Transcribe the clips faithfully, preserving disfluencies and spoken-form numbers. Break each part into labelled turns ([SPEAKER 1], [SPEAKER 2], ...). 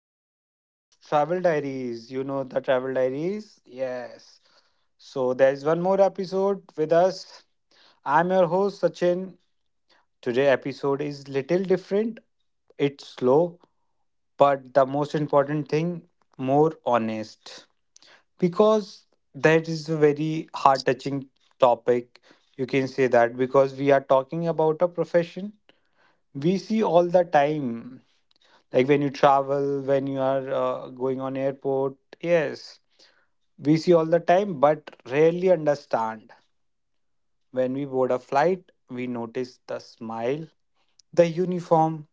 [SPEAKER 1] episodes of Travel Diaries. You know the Travel Diaries? Yes. So there is one more episode with us. I'm your host Sachin. Today episode is little different. It's slow, but the most important thing, more honest. Because that is a very heart touching topic. You can say that because we are talking about a profession we see all the time, like when you travel, when you are uh, going on airport, yes, we see all the time but rarely understand. When we board a flight we notice the smile, the uniform,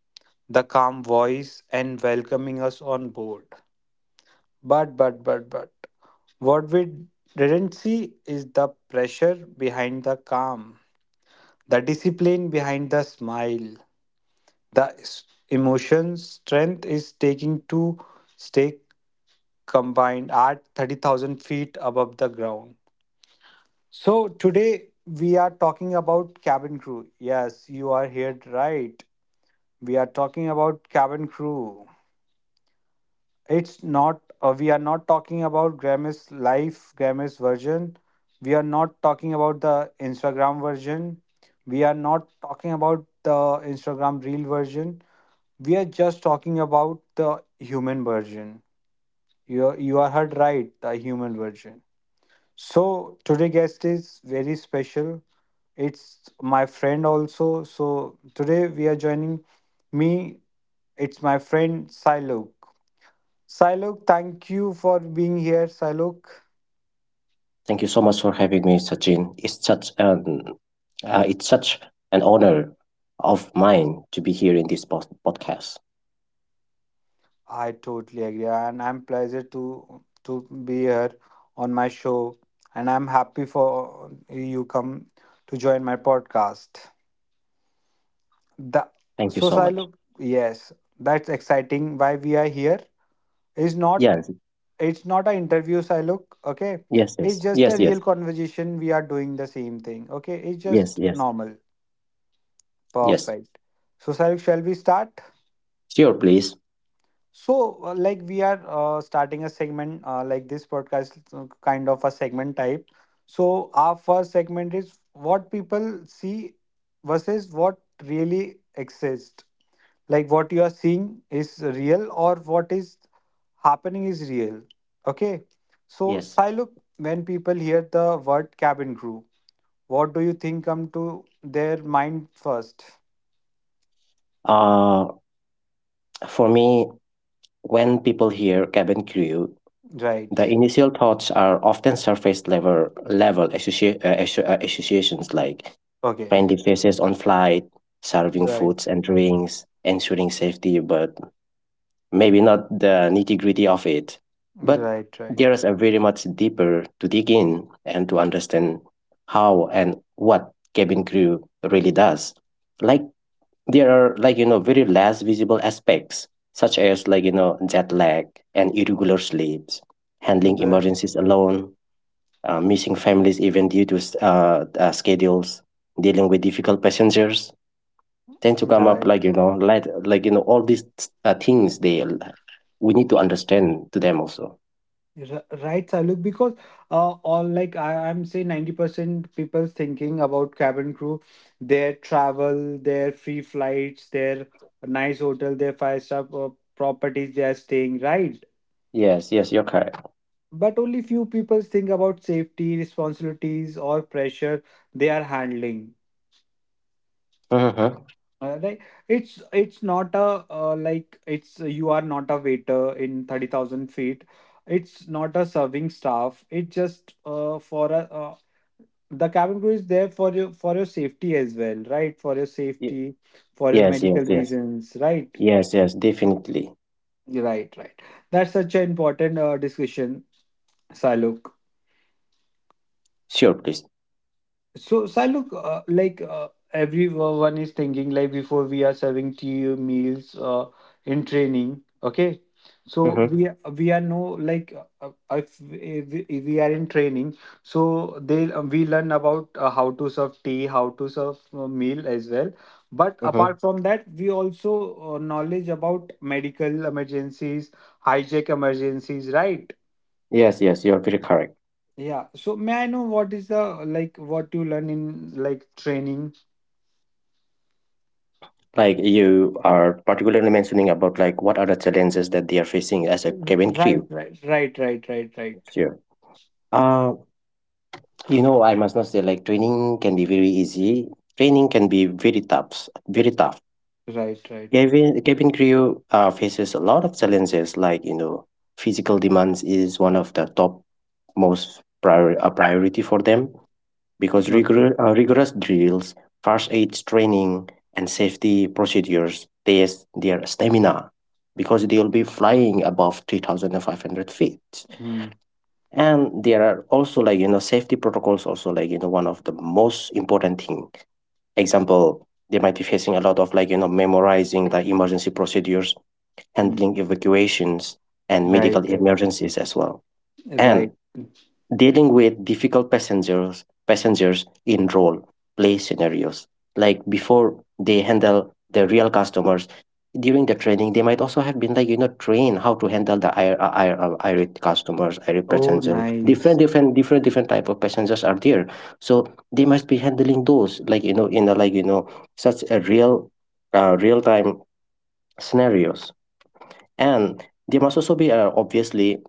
[SPEAKER 1] the calm voice and welcoming us on board, but but but but what we didn't see is the pressure behind the calm, the discipline behind the smile, the s- emotion strength is taking to stay combined at thirty thousand feet above the ground. So, today we are talking about cabin crew. Yes, you are here right. We are talking about cabin crew. It's not, uh, we are not talking about Grammy's life, Grammy's version. We are not talking about the Instagram version. We are not talking about the Instagram reel version. We are just talking about the human version. You, you are heard right, the human version. So today guest is very special. It's my friend also. So today we are joining me. It's my friend Silok. Silok, thank you for being here, Silok.
[SPEAKER 2] Thank you so much for having me, Sachin. It's such an uh, it's such an honor of mine to be here in this pod- podcast.
[SPEAKER 1] I totally agree, and I'm pleased to to be here on my show, and I'm happy for you come to join my podcast. The
[SPEAKER 2] Thank you
[SPEAKER 1] so
[SPEAKER 2] so much.
[SPEAKER 1] Silok, yes, that's exciting. Why we are here? Is not
[SPEAKER 2] Yes,
[SPEAKER 1] It's not an interview, I okay,
[SPEAKER 2] yes,
[SPEAKER 1] it's
[SPEAKER 2] yes,
[SPEAKER 1] just a
[SPEAKER 2] yes, yes,
[SPEAKER 1] real conversation, we are doing the same thing, okay, it's
[SPEAKER 2] yes,
[SPEAKER 1] just
[SPEAKER 2] yes,
[SPEAKER 1] normal,
[SPEAKER 2] yes.
[SPEAKER 1] perfect. So Sailuk, shall we start?
[SPEAKER 2] Sure, please.
[SPEAKER 1] So uh, like we are uh, starting a segment, uh, like this podcast, uh, kind of a segment type. So our first segment is what people see versus what really exists, like what you are seeing is real or what is happening is real. Okay. So,
[SPEAKER 2] Yes.
[SPEAKER 1] Siluk, when people hear the word cabin crew, what do you think come to their mind first?
[SPEAKER 2] Uh, for me, when people hear cabin crew,
[SPEAKER 1] Right.
[SPEAKER 2] the initial thoughts are often surface level level associ- uh, asso- uh, associations like
[SPEAKER 1] Okay.
[SPEAKER 2] friendly faces on flight, serving foods
[SPEAKER 1] Right.
[SPEAKER 2] and drinks, ensuring safety, but maybe not the nitty gritty of it, but
[SPEAKER 1] Right. Right.
[SPEAKER 2] there is a very much deeper to dig in and to understand how and what cabin crew really does. Like there are like you know very less visible aspects such as like you know jet lag and irregular sleeps, handling
[SPEAKER 1] Right.
[SPEAKER 2] emergencies alone, uh, missing families even due to s- uh, uh, schedules, dealing with difficult passengers, tend to come up like you
[SPEAKER 1] Right.
[SPEAKER 2] know like like you know all these uh, things they we need to understand to them also.
[SPEAKER 1] R- Right, Saluk, because uh, all like I, I'm say ninety percent people thinking about cabin crew, their travel, their free flights, their nice hotel, their five star uh, properties they are staying, right?
[SPEAKER 2] Yes, yes, you're correct.
[SPEAKER 1] But only few people think about safety, responsibilities, or pressure they are handling.
[SPEAKER 2] Uh-huh.
[SPEAKER 1] Uh, like it's it's not a uh, like it's you are not a waiter in thirty thousand feet. It's not a serving staff. It just uh, for a uh, the cabin crew is there for your for your safety as well, right? For your
[SPEAKER 2] Ye-
[SPEAKER 1] safety, for your
[SPEAKER 2] yes,
[SPEAKER 1] medical
[SPEAKER 2] yes, yes,
[SPEAKER 1] reasons, right?
[SPEAKER 2] yes, yes, definitely.
[SPEAKER 1] Right, right. That's such an important uh, discussion, Saluk.
[SPEAKER 2] Sure, please.
[SPEAKER 1] So, sir, look, uh, like uh, everyone is thinking, like before we are serving tea meals uh, in training, okay? So
[SPEAKER 2] Mm-hmm.
[SPEAKER 1] we are- we are no like uh, uh, if, if we if we are in training, so they uh, we learn about uh, how to serve tea, how to serve uh, meal as well. But
[SPEAKER 2] Mm-hmm.
[SPEAKER 1] apart from that, we also uh, knowledge about medical emergencies, hijack emergencies, right?
[SPEAKER 2] Yes, yes, you're very correct.
[SPEAKER 1] Yeah. So may I know what is the, like what you learn in like training?
[SPEAKER 2] Like you are particularly mentioning about like what are the challenges that they are facing as a cabin
[SPEAKER 1] Right,
[SPEAKER 2] crew.
[SPEAKER 1] right, right, right, right, right,
[SPEAKER 2] Sure. uh you know, I must not say like training can be very easy. Training can be very tough, very tough.
[SPEAKER 1] right, right.
[SPEAKER 2] Cabin, cabin crew uh, faces a lot of challenges, like you know, physical demands is one of the top most priori- uh, priority for them because
[SPEAKER 1] Okay.
[SPEAKER 2] rigor- uh, rigorous drills, first aid training, and safety procedures test their stamina because they'll be flying above three thousand five hundred feet.
[SPEAKER 1] Hmm.
[SPEAKER 2] And there are also like, you know, safety protocols also like, you know, one of the most important thing. Example, they might be facing a lot of like, you know, memorizing the emergency procedures,
[SPEAKER 1] Hmm.
[SPEAKER 2] handling evacuations and medical
[SPEAKER 1] Right,
[SPEAKER 2] emergencies as well,
[SPEAKER 1] right,
[SPEAKER 2] and
[SPEAKER 1] right.
[SPEAKER 2] dealing with difficult passengers passengers in role play scenarios. Like before they handle the real customers during the training, they might also have been like you know trained how to handle the ir- uh, ir- uh, irate customers, irate
[SPEAKER 1] Oh,
[SPEAKER 2] passengers. Different,
[SPEAKER 1] nice.
[SPEAKER 2] different, different, different type of passengers are there, so they must be handling those like you know in a like you know such a real, uh, real time scenarios, and there must also be uh, obviously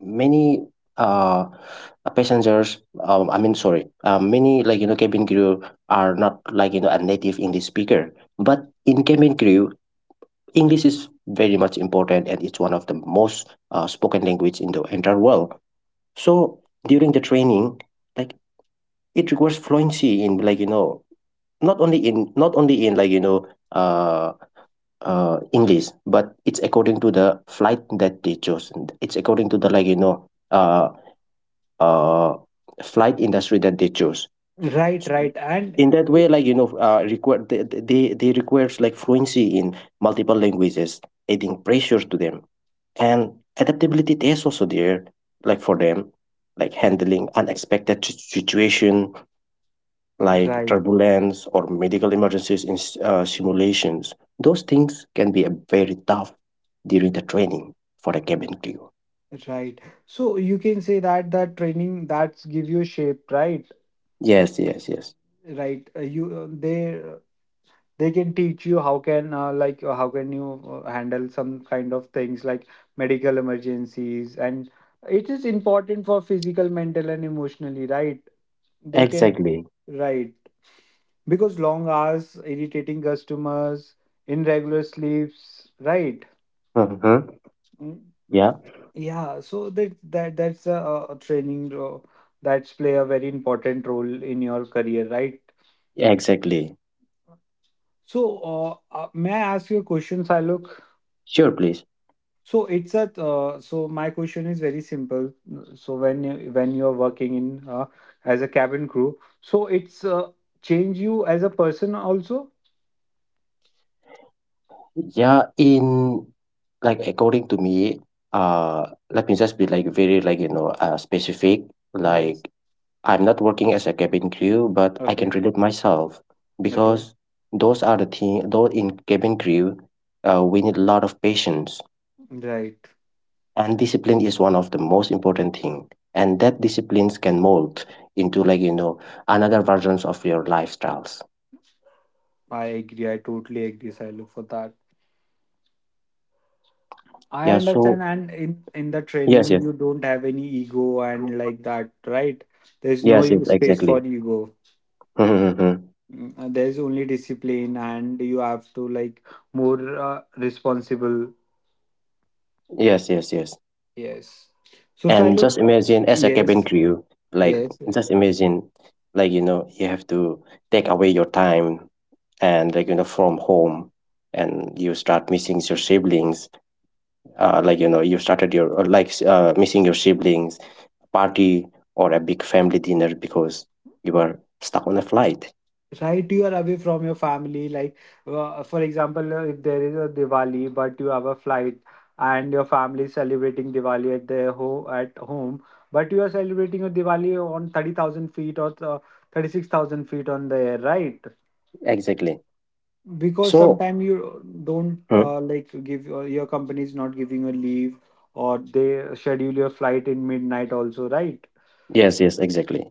[SPEAKER 2] many uh, passengers. Um, I mean, sorry, uh, many like you know cabin crew are not like you know a native English speaker, but in cabin crew, English is very much important and it's one of the most uh, spoken language in the entire world. So during the training, like it requires fluency in like you know not only in not only in like you know uh uh, English, but it's according to the flight that they chose. It's according to the like you know uh, uh, flight industry that they chose.
[SPEAKER 1] Right, right, and
[SPEAKER 2] In that
[SPEAKER 1] y-
[SPEAKER 2] way, like you know, uh, require they they, they requires like fluency in multiple languages, adding pressure to them, and adaptability is also there like for them like handling unexpected si- situation like
[SPEAKER 1] right,
[SPEAKER 2] turbulence or medical emergencies in s- uh, simulations. Those things can be a very tough during the training for the cabin crew.
[SPEAKER 1] right. So you can say that that training that's give you shape, right?
[SPEAKER 2] Yes, yes, yes.
[SPEAKER 1] Right. Uh, You uh, they they can teach you how can uh, like uh, how can you uh, handle some kind of things like medical emergencies, and it is important for physical mental and emotionally, right, they can,
[SPEAKER 2] Exactly.
[SPEAKER 1] right, because long hours, irritating customers, irregular sleeps, right.
[SPEAKER 2] Mm-hmm.
[SPEAKER 1] Mm,
[SPEAKER 2] Yeah,
[SPEAKER 1] yeah, so that that that's a, a training uh, that's play a very important role in your career, right.
[SPEAKER 2] exactly.
[SPEAKER 1] So uh, uh, may I ask you a question, Silo?
[SPEAKER 2] Sure, please.
[SPEAKER 1] So it's a uh, so my question is very simple. So when you, when you're working in uh, as a cabin crew, so it's uh, change you as a person also.
[SPEAKER 2] Yeah, in like according to me, uh, let me just be like very like you know uh, specific.
[SPEAKER 1] Yes.
[SPEAKER 2] Like I'm not working as a cabin crew, but I can
[SPEAKER 1] Okay.
[SPEAKER 2] relate myself
[SPEAKER 1] Okay.
[SPEAKER 2] because those are the thing. Though in cabin crew, uh, we need a lot of patience,
[SPEAKER 1] Right.
[SPEAKER 2] and discipline is one of the most important thing. And that disciplines can mold into like you know another versions of your lifestyles.
[SPEAKER 1] I agree. I totally agree, Silo, for that. I
[SPEAKER 2] Yeah.
[SPEAKER 1] understand.
[SPEAKER 2] So
[SPEAKER 1] And in in the
[SPEAKER 2] yes,
[SPEAKER 1] training,
[SPEAKER 2] yes,
[SPEAKER 1] you don't have any ego and like that, right? There's no
[SPEAKER 2] yes, yes,
[SPEAKER 1] e- space
[SPEAKER 2] exactly.
[SPEAKER 1] for ego.
[SPEAKER 2] Mm-hmm.
[SPEAKER 1] Mm, uh, There's only discipline, and you have to like more uh, responsible.
[SPEAKER 2] Yes, yes, yes.
[SPEAKER 1] Yes. So,
[SPEAKER 2] And
[SPEAKER 1] Siluk,
[SPEAKER 2] just imagine as a cabin
[SPEAKER 1] yes,
[SPEAKER 2] crew, like
[SPEAKER 1] yes, yes.
[SPEAKER 2] just imagine, like you know, you have to take away your time and like you know from home, and you start missing your siblings, uh, like you know you started your uh, like uh, missing your siblings party or a big family dinner because you were stuck on a flight.
[SPEAKER 1] Right, you are away from your family. Like, uh, for example, uh, if there is a Diwali, but you have a flight, and your family is celebrating Diwali at their ho at home, but you are celebrating a Diwali on thirty thousand feet or uh, thirty six thousand feet on the air, right?
[SPEAKER 2] Exactly.
[SPEAKER 1] Because
[SPEAKER 2] So
[SPEAKER 1] sometimes you don't
[SPEAKER 2] Mm.
[SPEAKER 1] uh, like give uh, your company is not giving you a leave, or they schedule your flight in midnight also, right?
[SPEAKER 2] Yes, yes, exactly.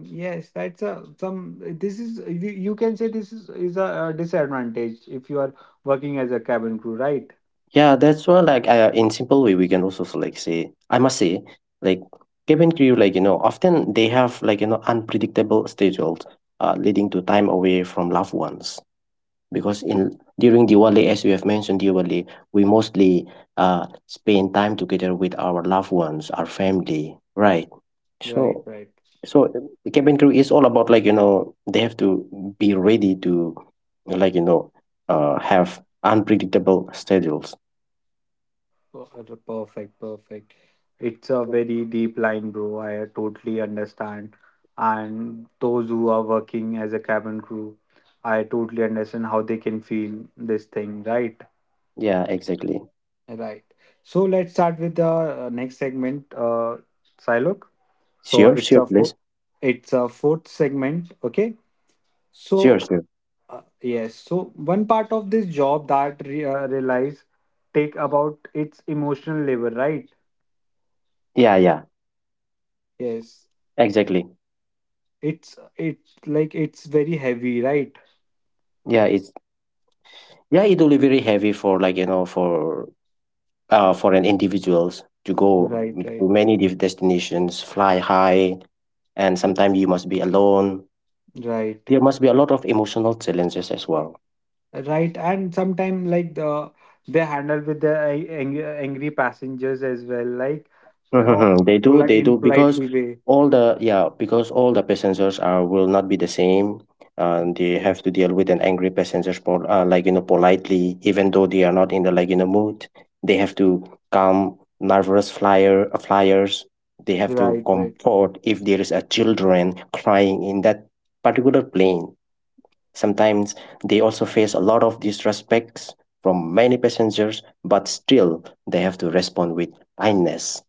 [SPEAKER 1] Yes, that's a some. This is you, you can say this is is a, uh disadvantage if you are working as a cabin crew, right?
[SPEAKER 2] Yeah, that's why like uh, in simple way we can also so, like say I must say like cabin crew like you know often they have like you know unpredictable schedules, uh, leading to time away from loved ones because in during Diwali, as we have mentioned, Diwali, we mostly uh, spend time together with our loved ones, our family, right?
[SPEAKER 1] Right,
[SPEAKER 2] So,
[SPEAKER 1] right.
[SPEAKER 2] so the cabin crew is all about like you know they have to be ready to like you know uh, have unpredictable schedules.
[SPEAKER 1] Per- uh, Perfect, perfect. It's a very deep line, bro. I totally understand. And those who are working as a cabin crew, I totally understand how they can feel this thing, right?
[SPEAKER 2] Yeah, exactly.
[SPEAKER 1] Right. So let's start with the uh, next segment, uh, Silok. So
[SPEAKER 2] Sure,
[SPEAKER 1] it's
[SPEAKER 2] sure,
[SPEAKER 1] a food,
[SPEAKER 2] please.
[SPEAKER 1] it's a fourth segment. Okay.
[SPEAKER 2] Sure,
[SPEAKER 1] So,
[SPEAKER 2] sure.
[SPEAKER 1] uh, yes, so one part of this job that re uh, relies take about its emotional labor, right?
[SPEAKER 2] Yeah, yeah,
[SPEAKER 1] Yes,
[SPEAKER 2] exactly.
[SPEAKER 1] it's it's like it's very heavy, right?
[SPEAKER 2] Yeah, it's yeah, it will be very heavy for like you know for uh, for an individuals to go
[SPEAKER 1] Right,
[SPEAKER 2] to
[SPEAKER 1] right,
[SPEAKER 2] many different destinations, fly high, and sometimes you must be alone.
[SPEAKER 1] right,
[SPEAKER 2] There must be a lot of emotional challenges as well.
[SPEAKER 1] right. And sometimes like the they handle with the a- ang angry passengers as well, like uh,
[SPEAKER 2] Mhm. They do,
[SPEAKER 1] poli-
[SPEAKER 2] they
[SPEAKER 1] in
[SPEAKER 2] do, because
[SPEAKER 1] politely way.
[SPEAKER 2] all the yeah, because all the passengers are will not be the same, and they have to deal with an angry passengers, pol- uh, like you know, politely, even though they are not in the like you know mood. They have to calm nervous flyer uh, flyers. They have to
[SPEAKER 1] Right, right.
[SPEAKER 2] comfort if there is a children crying in that particular plane. Sometimes they also face a lot of disrespects from many passengers, but still they have to respond with kindness.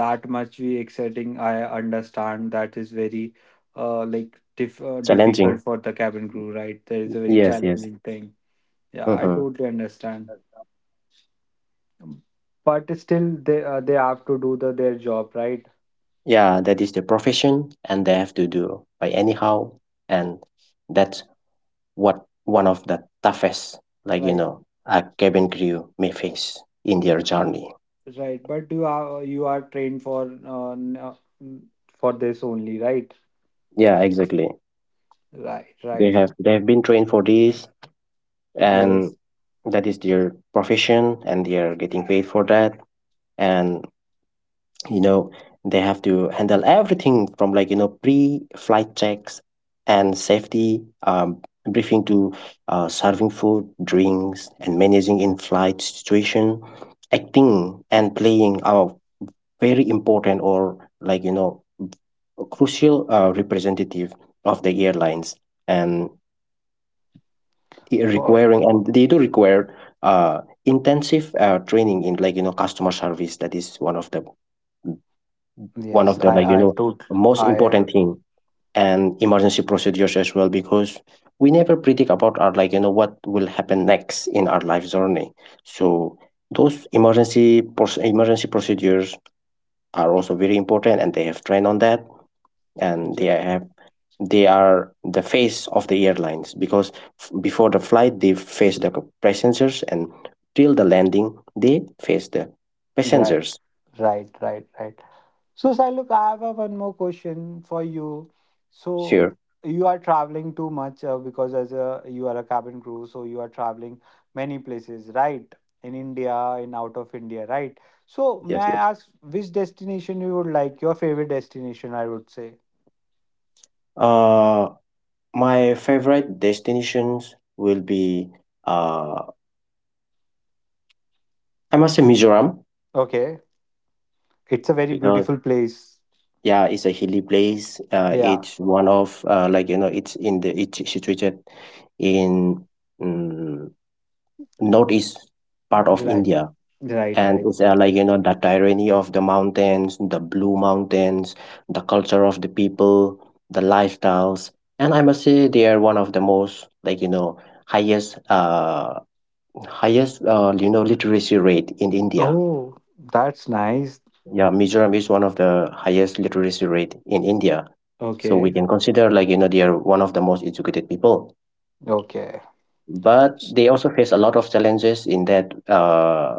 [SPEAKER 1] That much we exciting, I understand. That is very uh like diff- uh, difficult
[SPEAKER 2] Challenging.
[SPEAKER 1] for the cabin crew, right, there is a very
[SPEAKER 2] Yes, yes.
[SPEAKER 1] challenging thing. Yeah, I
[SPEAKER 2] Hmm.
[SPEAKER 1] totally understand. But still, they uh, they have to do the their job, right?
[SPEAKER 2] Yeah, that is the profession and they have to do by anyhow. And that's what one of the toughest, like, you
[SPEAKER 1] Right,
[SPEAKER 2] know, a cabin crew may face in their journey.
[SPEAKER 1] right, but you are you are trained for uh, n- uh, n- for this only, right?
[SPEAKER 2] Yeah, exactly.
[SPEAKER 1] Right,
[SPEAKER 2] They
[SPEAKER 1] right,
[SPEAKER 2] have they have been trained for this, and
[SPEAKER 1] yes.
[SPEAKER 2] that is their profession and they are getting paid for that. And you know they have to handle everything from like you know pre-flight checks and safety um, briefing to uh, serving food drinks and managing in-flight situation, acting and playing are very important or like you know crucial uh, representative of the airlines, and it
[SPEAKER 1] For
[SPEAKER 2] requiring and they do require uh, intensive uh, training in like you know customer service. That is one of the one
[SPEAKER 1] yes,
[SPEAKER 2] of the like you
[SPEAKER 1] I I
[SPEAKER 2] know
[SPEAKER 1] took
[SPEAKER 2] most
[SPEAKER 1] I uh,
[SPEAKER 2] important thing, and emergency procedures as well, because we never predict about our like you know what will happen next in our life journey. So those emergency proc- emergency procedures are also very important and they have trained on that, and they
[SPEAKER 1] j-
[SPEAKER 2] have they are the face of the airlines, because f- before the flight they face the passengers, and till the landing they face the
[SPEAKER 1] right,
[SPEAKER 2] passengers.
[SPEAKER 1] right, right, right. So, Siluk, I have a one more question for you. So,
[SPEAKER 2] Sure.
[SPEAKER 1] you are traveling too much uh, because as a you are a cabin crew, so you are traveling many places, right? In India, in out of India, right? So, may
[SPEAKER 2] Yes,
[SPEAKER 1] I
[SPEAKER 2] yes.
[SPEAKER 1] ask which destination you would like? Your favorite destination, I would say.
[SPEAKER 2] uh My favorite destinations will be, uh, I must say Mizoram,
[SPEAKER 1] Okay, it's a very
[SPEAKER 2] because
[SPEAKER 1] beautiful place.
[SPEAKER 2] yeah, it's a hilly place. Uh,
[SPEAKER 1] Yeah.
[SPEAKER 2] it's one of uh, like you know, it's in the it's situated in um, northeast part of
[SPEAKER 1] Right.
[SPEAKER 2] India,
[SPEAKER 1] Right.
[SPEAKER 2] and
[SPEAKER 1] Right.
[SPEAKER 2] it's uh,
[SPEAKER 1] Right.
[SPEAKER 2] like you know the tyranny of the mountains, the blue mountains, the culture of the people, the lifestyles, and I must say they are one of the most like you know highest uh Highest, uh, you know, literacy rate in India.
[SPEAKER 1] Oh, that's nice.
[SPEAKER 2] Yeah, Mizoram is one of the highest literacy rate in India. So we
[SPEAKER 1] Okay.
[SPEAKER 2] can consider like, you know, they are one of the most educated people.
[SPEAKER 1] Okay.
[SPEAKER 2] But they also face a lot of challenges in that uh,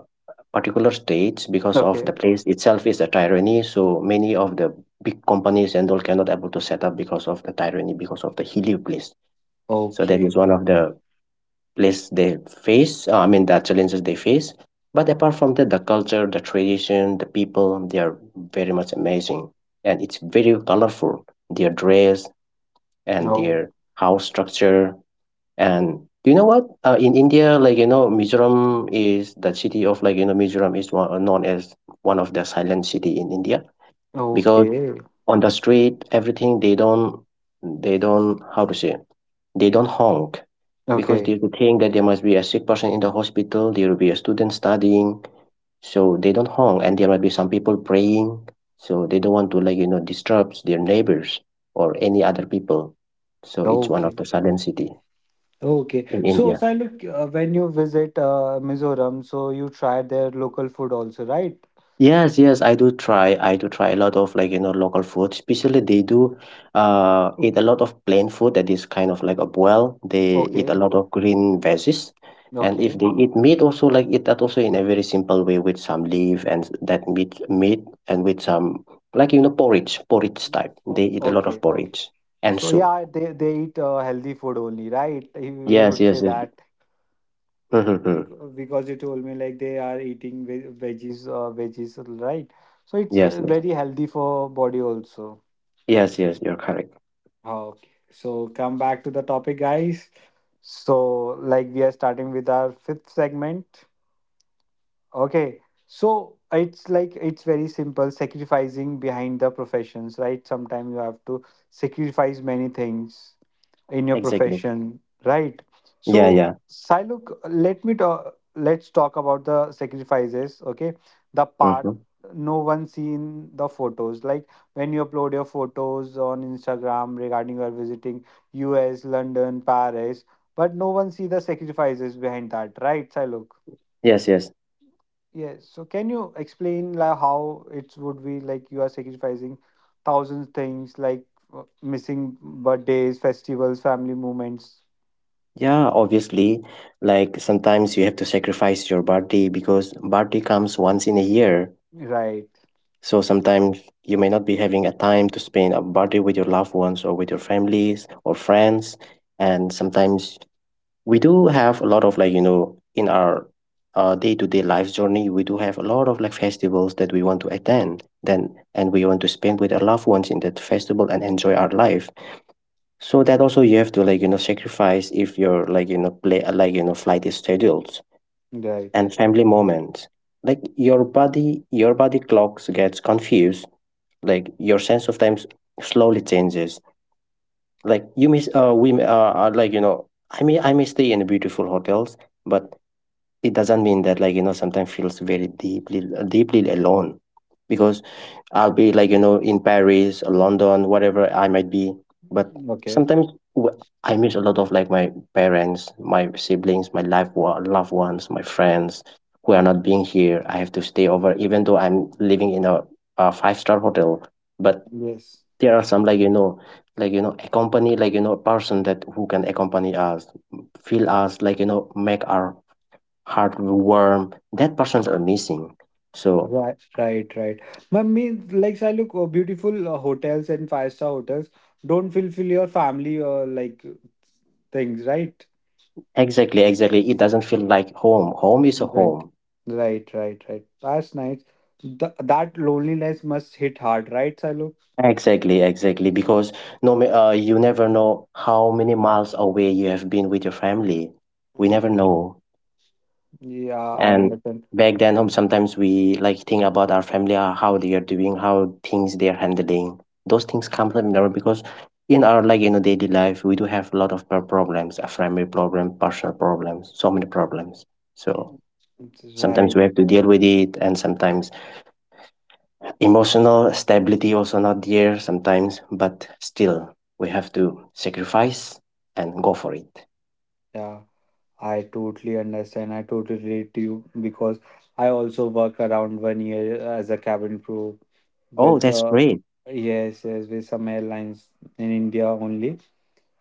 [SPEAKER 2] particular states because of
[SPEAKER 1] Okay.
[SPEAKER 2] the place itself is a tyranny. So many of the big companies and all cannot able to set up because of the tyranny, because of the hilly place. So that is
[SPEAKER 1] Okay.
[SPEAKER 2] one of the place they face, uh, I mean, the challenges they face. But apart from that, the culture, the tradition, the people, they are very much amazing. And it's very colorful, their dress and
[SPEAKER 1] Oh.
[SPEAKER 2] their house structure. And do you know what? Uh, in India, like, you know, Mizoram is the city of, like, you know, Mizoram is one, known as one of the silent city in India, because
[SPEAKER 1] Okay,
[SPEAKER 2] on the street everything they don't they don't how to say they don't honk, because
[SPEAKER 1] okay,
[SPEAKER 2] they would think that there must be a sick person in the hospital, there will be a student studying, so they don't honk, and there might be some people praying, so they don't want to like you know disturb their neighbors or any other people. So it's one of the
[SPEAKER 1] okay,
[SPEAKER 2] southern city
[SPEAKER 1] okay.
[SPEAKER 2] in
[SPEAKER 1] So,
[SPEAKER 2] India.
[SPEAKER 1] Siluk, uh, when you visit uh, Mizoram, so you try their local food also, right?
[SPEAKER 2] Yes, yes, I do try. I do try a lot of like, you know, local food. Especially they do
[SPEAKER 1] Uh,
[SPEAKER 2] uh eat a lot of plain food that is kind of like a boil. They eat a
[SPEAKER 1] Okay,
[SPEAKER 2] lot of green veggies. And if
[SPEAKER 1] okay.
[SPEAKER 2] they eat meat also like eat that also in a very simple way with some leaf, and that meat meat, and with some like you know porridge, porridge type. They
[SPEAKER 1] O-
[SPEAKER 2] eat a lot
[SPEAKER 1] okay,
[SPEAKER 2] of
[SPEAKER 1] okay.
[SPEAKER 2] porridge and
[SPEAKER 1] So
[SPEAKER 2] soup.
[SPEAKER 1] yeah, they they eat uh, healthy food only, right? We we
[SPEAKER 2] Yes,
[SPEAKER 1] would say
[SPEAKER 2] yes, yes.
[SPEAKER 1] that
[SPEAKER 2] Mm-hmm.
[SPEAKER 1] because because you told me like they are eating ve veggies, uh, veggies, right? So it's
[SPEAKER 2] Yes,
[SPEAKER 1] uh,
[SPEAKER 2] yes.
[SPEAKER 1] very healthy for body also.
[SPEAKER 2] Yes, yes, you're correct.
[SPEAKER 1] Okay, so come back to the topic, guys. So, like, we are starting with our fifth segment. Okay, so it's like it's very simple, sacrificing behind the professions, right? Sometimes you have to sacrifice many things in your
[SPEAKER 2] Exactly.
[SPEAKER 1] profession, right?
[SPEAKER 2] Yeah,
[SPEAKER 1] So
[SPEAKER 2] yeah.
[SPEAKER 1] Siluk, let me talk, let's talk about the sacrifices, okay, the part
[SPEAKER 2] Mm-hmm.
[SPEAKER 1] no one see in the photos, like when you upload your photos on Instagram regarding you are visiting US, London, Paris, but no one see the sacrifices behind that, right, Siluk?
[SPEAKER 2] Yes, yes.
[SPEAKER 1] Yes, so can you explain like how it would be, like you are sacrificing thousands things like uh, missing birthdays, festivals, family moments?
[SPEAKER 2] Yeah, obviously. Like sometimes you have to sacrifice your birthday because birthday comes once in a year.
[SPEAKER 1] Right,
[SPEAKER 2] So sometimes you may not be having a time to spend a birthday with your loved ones or with your families or friends. And sometimes we do have a lot of like, you know, in our uh, day-to-day life journey, we do have a lot of like festivals that we want to attend then and we want to spend with our loved ones in that festival and enjoy our life. So that also you have to like you know sacrifice if your like you know play uh, like you know flight is scheduled
[SPEAKER 1] right.
[SPEAKER 2] and family moments. Like your body, your body clocks gets confused. Like your sense of time s- slowly changes. Like you miss uh we uh uh, like you know I mean I may stay in beautiful hotels, but it doesn't mean that like you know sometimes feels very deeply deeply alone because I'll be like you know in Paris or London whatever I might be, but
[SPEAKER 1] Okay.
[SPEAKER 2] sometimes w- I miss a lot of like my parents, my siblings, my life wa- loved ones, my friends who are not being here. I have to stay over even though I'm living in a, a five star hotel, but
[SPEAKER 1] Yes.
[SPEAKER 2] there are some like you know like you know accompany like you know person that who can accompany us, feel us, like you know make our heartworm. That person's are missing. So
[SPEAKER 1] Right, right, right. I mean, like, I look, uh, beautiful uh, hotels and five star hotels don't fulfill your family or like things, right?
[SPEAKER 2] exactly, exactly. It doesn't feel like home. Home is a
[SPEAKER 1] Right,
[SPEAKER 2] home.
[SPEAKER 1] right, right, right. That's nice. Th That loneliness must hit hard, right, Silo?
[SPEAKER 2] Exactly, exactly. Because no, ma- uh, you never know how many miles away you have been with your family. We never
[SPEAKER 1] Mm,
[SPEAKER 2] know.
[SPEAKER 1] yeah, I
[SPEAKER 2] And
[SPEAKER 1] understand.
[SPEAKER 2] back then, home sometimes we like think about our family, uh, how they are doing, how things they are handling. Those things come from there because in our like in a daily life, we do have a lot of pro- problems, uh, family problem, personal problems, so many problems. So
[SPEAKER 1] Mm. It's
[SPEAKER 2] sometimes
[SPEAKER 1] right,
[SPEAKER 2] we have to deal with it, and sometimes emotional stability also not there sometimes, but still we have to sacrifice and go for it.
[SPEAKER 1] yeah. I totally understand. I totally relate to you because I also work around one year as a cabin crew
[SPEAKER 2] Oh,
[SPEAKER 1] with
[SPEAKER 2] that's
[SPEAKER 1] uh,
[SPEAKER 2] great.
[SPEAKER 1] yes, yes, with some airlines in India only.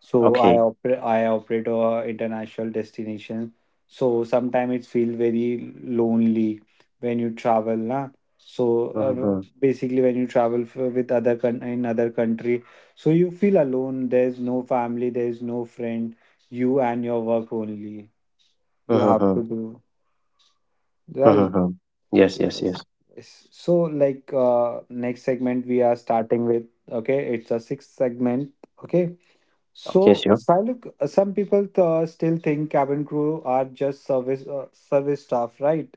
[SPEAKER 1] So I
[SPEAKER 2] Okay.
[SPEAKER 1] operate I operate a international destination. So sometimes it feel very lonely when you travel, na. So uh,
[SPEAKER 2] Mhm,
[SPEAKER 1] basically, when you travel f with other con in other country, so you feel alone. There's no family. There's no friend. You and your work only you have to
[SPEAKER 2] mhm,
[SPEAKER 1] do, right?
[SPEAKER 2] mhm. Yes, yes,
[SPEAKER 1] Yes.
[SPEAKER 2] yes.
[SPEAKER 1] Yes. So like uh, next segment we are starting with, okay, it's a sixth segment, okay.
[SPEAKER 2] Okay,
[SPEAKER 1] So,
[SPEAKER 2] sure.
[SPEAKER 1] Siluk, uh, some people uh, still think cabin crew are just service uh, service staff, right?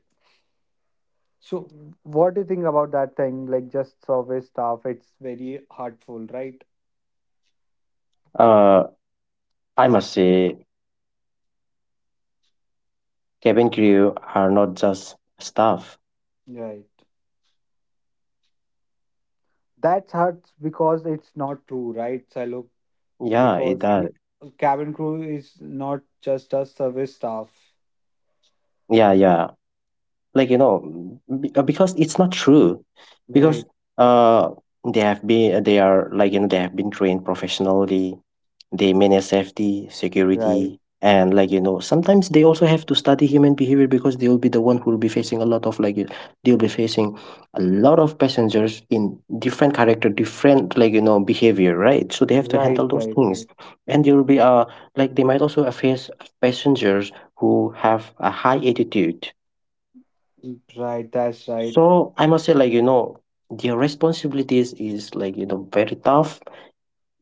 [SPEAKER 1] So what do you think about that thing, like just service staff, it's very hurtful, right?
[SPEAKER 2] uh I must say cabin crew are not just staff.
[SPEAKER 1] Right, that hurts because it's not true, right, Siluk?
[SPEAKER 2] Yeah, it
[SPEAKER 1] Because
[SPEAKER 2] does.
[SPEAKER 1] we, cabin crew is not just a service staff.
[SPEAKER 2] Yeah, yeah, like you know b- uh, because it's not true. Because
[SPEAKER 1] Right,
[SPEAKER 2] uh they have been uh, they are like you know they have been trained professionally. They manage safety,
[SPEAKER 1] right,
[SPEAKER 2] security, and like you know sometimes they also have to study human behavior because they will be the one who will be facing a lot of like you- they'll be facing a lot of passengers in different character, different like you know behavior, right? So they have to
[SPEAKER 1] right,
[SPEAKER 2] handle those
[SPEAKER 1] right,
[SPEAKER 2] things.
[SPEAKER 1] right,
[SPEAKER 2] And there will be uh like they might also face passengers who have a high attitude.
[SPEAKER 1] right. That's right.
[SPEAKER 2] So I must say, like you know, their responsibilities is like you know very tough,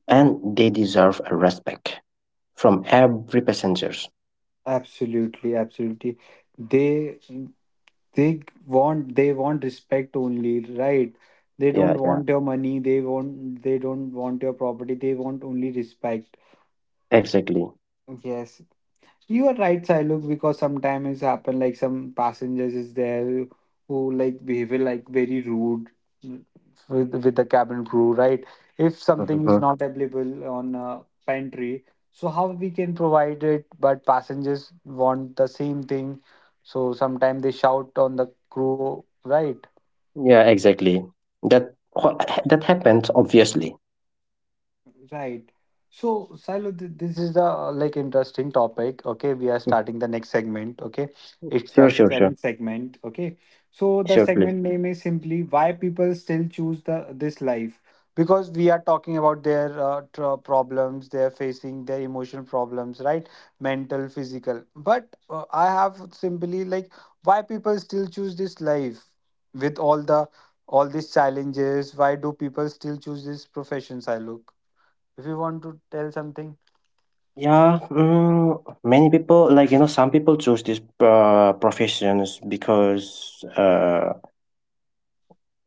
[SPEAKER 2] and they deserve a respect from every passengers.
[SPEAKER 1] Absolutely, absolutely. They they want they want respect only, right? They
[SPEAKER 2] Yeah,
[SPEAKER 1] don't
[SPEAKER 2] yeah,
[SPEAKER 1] want your money. They want they don't want your property. They want only respect.
[SPEAKER 2] exactly.
[SPEAKER 1] Yes, you are right, Sailuk, because sometimes it's happen like some passengers is there who like behave like very rude with with the cabin crew, right? If something is
[SPEAKER 2] Mhm.
[SPEAKER 1] not available on a pantry, so how we can provide it? But passengers want the same thing, so sometimes they shout on the crew, right?
[SPEAKER 2] Yeah, exactly. That wha- that happens obviously.
[SPEAKER 1] Right. So, Silo, th- this is a like interesting topic. Okay, we are
[SPEAKER 2] Mm.
[SPEAKER 1] starting the next segment. Okay, it's the
[SPEAKER 2] Sure, sure, sure,
[SPEAKER 1] seventh segment. Okay, so the
[SPEAKER 2] sure, please.
[SPEAKER 1] segment name is simply why people still choose the this life because we are talking about their uh, tr- problems they are facing, their emotional problems, right? Mental, physical. But uh, I have simply like why people still choose this life with all the all these challenges. Why do people still choose this profession, Silo? If you want to tell something.
[SPEAKER 2] Yeah, mm, many people like you know some people choose these uh, professions because uh,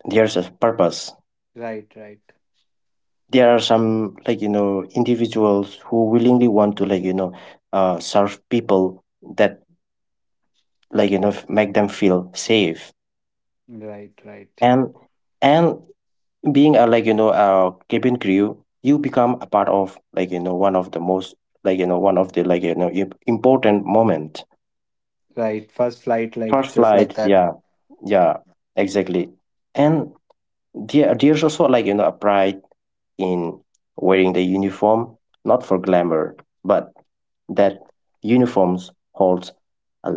[SPEAKER 2] there's a purpose.
[SPEAKER 1] Right, right,
[SPEAKER 2] There are some like you know individuals who willingly want to like you know uh, serve people, that like you know f- make them feel safe.
[SPEAKER 1] right, right,
[SPEAKER 2] and and being a like you know a cabin crew, you become a part of like you know one of the most like you know one of the like you know im- important moment.
[SPEAKER 1] right. First flight, like
[SPEAKER 2] First
[SPEAKER 1] just like
[SPEAKER 2] flight,
[SPEAKER 1] that.
[SPEAKER 2] yeah. Yeah, exactly. And there there's also like you know a pride in wearing the uniform, not for glamour, but that uniforms holds a,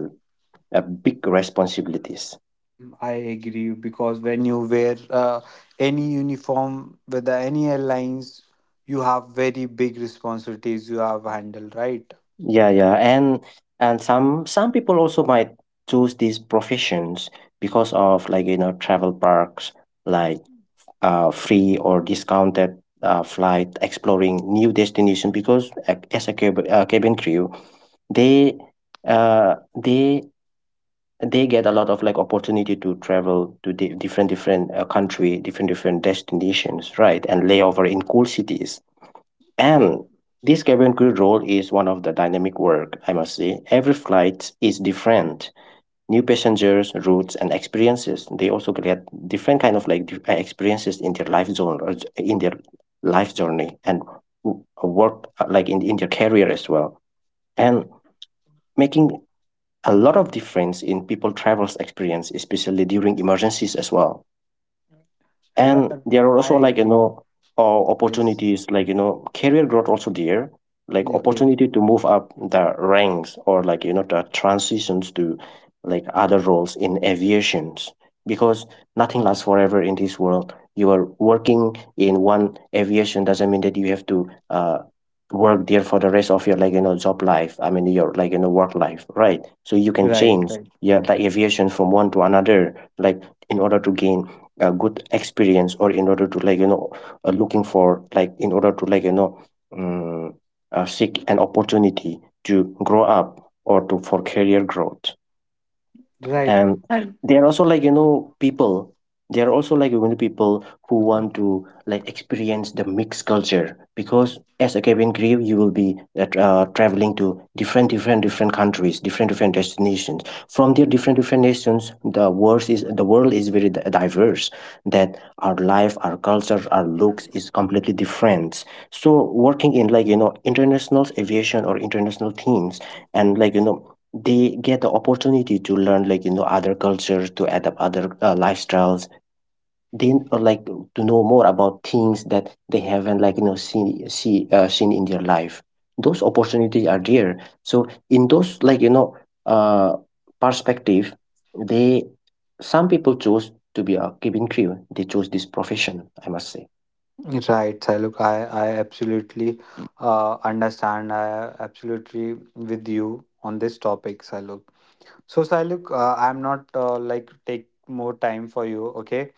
[SPEAKER 2] a big responsibilities.
[SPEAKER 1] Mm, I agree because when you wear uh, any uniform with the, any airlines, you have very big responsibilities you have handled, right?
[SPEAKER 2] Yeah, yeah, and and some some people also might choose these professions because of like you know travel parks, like uh, free or discounted uh, flight, exploring new destination. Because ac- as a cab- uh, cabin crew, they uh they they get a lot of like opportunity to travel to di- different different uh, country, different different destinations, right? And layover in cool cities.
[SPEAKER 1] So,
[SPEAKER 2] And this cabin crew role is one of the dynamic work, I must say. Every flight is different, new passengers, routes, and experiences. They also get different kind of like di- uh, experiences in their life zone or j- in their life journey and w- work uh, like in, in their career as well. And making a lot of difference in people travel's experience, especially during emergencies as well.
[SPEAKER 1] r-
[SPEAKER 2] And
[SPEAKER 1] uh,
[SPEAKER 2] there are
[SPEAKER 1] I
[SPEAKER 2] also like you
[SPEAKER 1] agree.
[SPEAKER 2] know uh,
[SPEAKER 1] Yes.
[SPEAKER 2] opportunities like you know career growth also there, like
[SPEAKER 1] Okay.
[SPEAKER 2] opportunity to move up the ranks or like you know the transitions to like other roles in aviations. Because nothing lasts forever in this world. You are working in one aviation doesn't mean that you have to uh, work there for the rest of your like you know job life. I mean your like you know work life, right? So you can
[SPEAKER 1] Right,
[SPEAKER 2] change,
[SPEAKER 1] right,
[SPEAKER 2] yeah, like aviation from one to another, like in order to gain a good experience, or in order to like you know uh, looking for like in order to like you know um, uh, seek an opportunity to grow up or to for career growth.
[SPEAKER 1] right.
[SPEAKER 2] And
[SPEAKER 1] And
[SPEAKER 2] they are also like you know people they are also like you know people who want to like experience the mixed culture. Because as a cabin crew, you will be uh, tra- uh, traveling to different different different countries, different different destinations, from their different different nations. The world is the world is very di- diverse, that our life, our culture, our looks is completely different. So working in like you know international aviation or international teams, and like you know they get the opportunity to learn like you know other cultures, to adapt other uh, lifestyles, then uh, like to know more about things that they haven't like you know seen see uh, seen in their life. Those opportunities are there. So in those like you know uh perspective, they some people choose to be a cabin crew. They chose this profession, I must say.
[SPEAKER 1] right, look, I, I absolutely uh, understand. I absolutely with you on this topic, Saluk. So, Sailuk, uh, I'm not uh, like take more time for you, okay?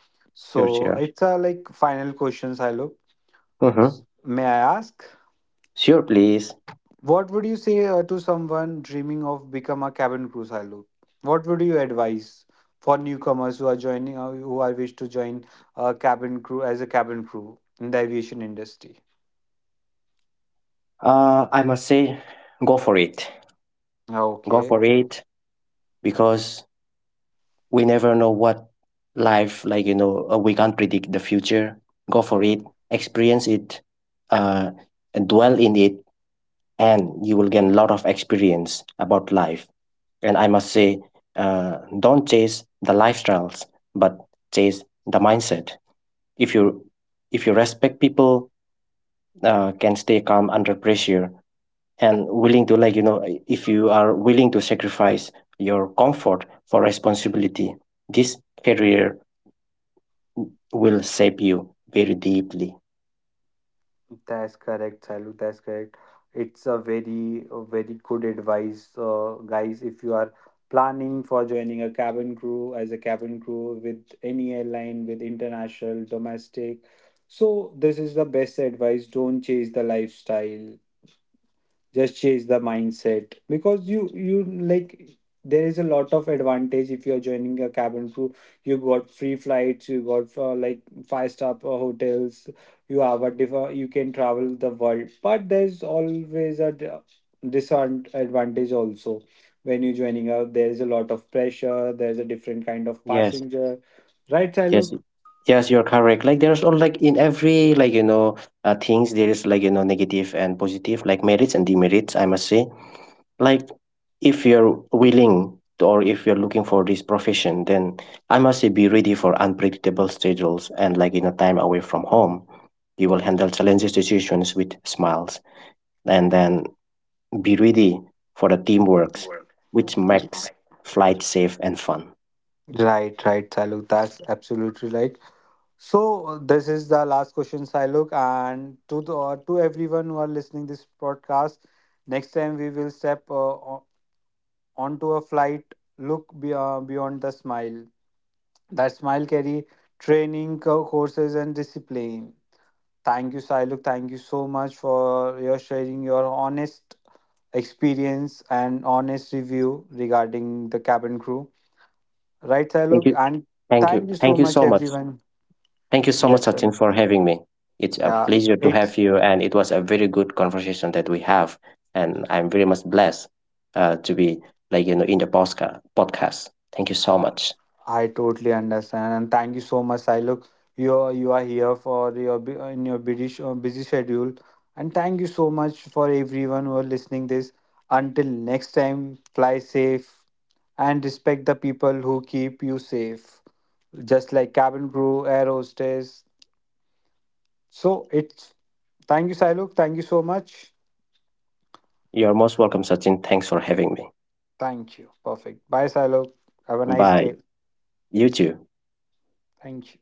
[SPEAKER 2] Sure,
[SPEAKER 1] So
[SPEAKER 2] sure,
[SPEAKER 1] it's a like final question, Sailuk.
[SPEAKER 2] mm-hmm.
[SPEAKER 1] May I ask,
[SPEAKER 2] Sure, please.
[SPEAKER 1] what would you say uh, to someone dreaming of become a cabin crew, Sailuk? What would you advise for newcomers who are joining, uh, who are wish to join a cabin crew as a cabin crew in the aviation industry?
[SPEAKER 2] uh I must say, go for it. Go
[SPEAKER 1] Okay.
[SPEAKER 2] for it. Because we never know what life like you know uh, we can't predict the future. Go for it. Experience it. uh, and dwell in it, and you will gain a lot of experience about life. And I must say, uh, don't chase the lifestyles, but chase the mindset. If you if you respect people, uh, can stay calm under pressure, and willing to like you know if you are willing to sacrifice your comfort for responsibility, this career will shape you very deeply.
[SPEAKER 1] That's correct, Salu. That's correct. It's a very, a very good advice, uh, guys. If you are planning for joining a cabin crew as a cabin crew with any airline, with international, domestic, so this is the best advice. Don't chase the lifestyle, just change the mindset because you you like there is a lot of advantage if you are joining a cabin crew. You got free flights, you got uh, like five star uh, hotels, you have a diff- uh, you can travel the world, but there's always a d- disadvantage also. When you're joining out, there is a lot of pressure, there's a different kind of
[SPEAKER 2] Yes,
[SPEAKER 1] passenger, right
[SPEAKER 2] yes,
[SPEAKER 1] Siluk?
[SPEAKER 2] yes. You're correct. Like there's all like in every like you know uh, things, there is like you know negative and positive, like merits and demerits. I must say, like, if you're willing to- or if you're looking for this profession, then I must say be ready for unpredictable schedules and like you know time away from home. You will handle challenging situations with smiles, and then be ready for the teamworks, which makes flight safe and fun.
[SPEAKER 1] Right, right, Saluk. That's absolutely right. So uh, this is the last question, Silok, and to the, uh, to everyone who are listening this podcast. Next time we will step uh, o- onto a flight. Look be, uh, beyond the smile. That smile carry training, co- courses, and discipline. Thank you, Siluk. Thank you so much for your sharing your honest experience and honest review regarding the cabin crew. Right,
[SPEAKER 2] Thank
[SPEAKER 1] Siluk?
[SPEAKER 2] you.
[SPEAKER 1] And
[SPEAKER 2] Thank
[SPEAKER 1] thank
[SPEAKER 2] you.
[SPEAKER 1] you so
[SPEAKER 2] Thank you
[SPEAKER 1] much,
[SPEAKER 2] so much.
[SPEAKER 1] everyone.
[SPEAKER 2] Thank you so much,
[SPEAKER 1] Yes, sir.
[SPEAKER 2] Sachin, for having me. It's a
[SPEAKER 1] Yeah,
[SPEAKER 2] pleasure to have
[SPEAKER 1] it's
[SPEAKER 2] you, and it was a very good conversation that we have. And I'm very much blessed uh, to be like you know in the posca- podcast. Thank you so much.
[SPEAKER 1] I totally understand, and thank you so much, Siluk. You are, you are here for your bu- in your busy sh- busy schedule, and thank you so much for everyone who are listening this. Until next time, fly safe and respect the people who keep you safe, just like cabin crew, air hostess. So it's thank you, Siluk. Thank you so much.
[SPEAKER 2] You're most welcome, Sachin. Thanks for having me.
[SPEAKER 1] Thank you. Perfect. Bye, Siluk. Have a nice
[SPEAKER 2] Bye.
[SPEAKER 1] day.
[SPEAKER 2] You too.
[SPEAKER 1] Thank you.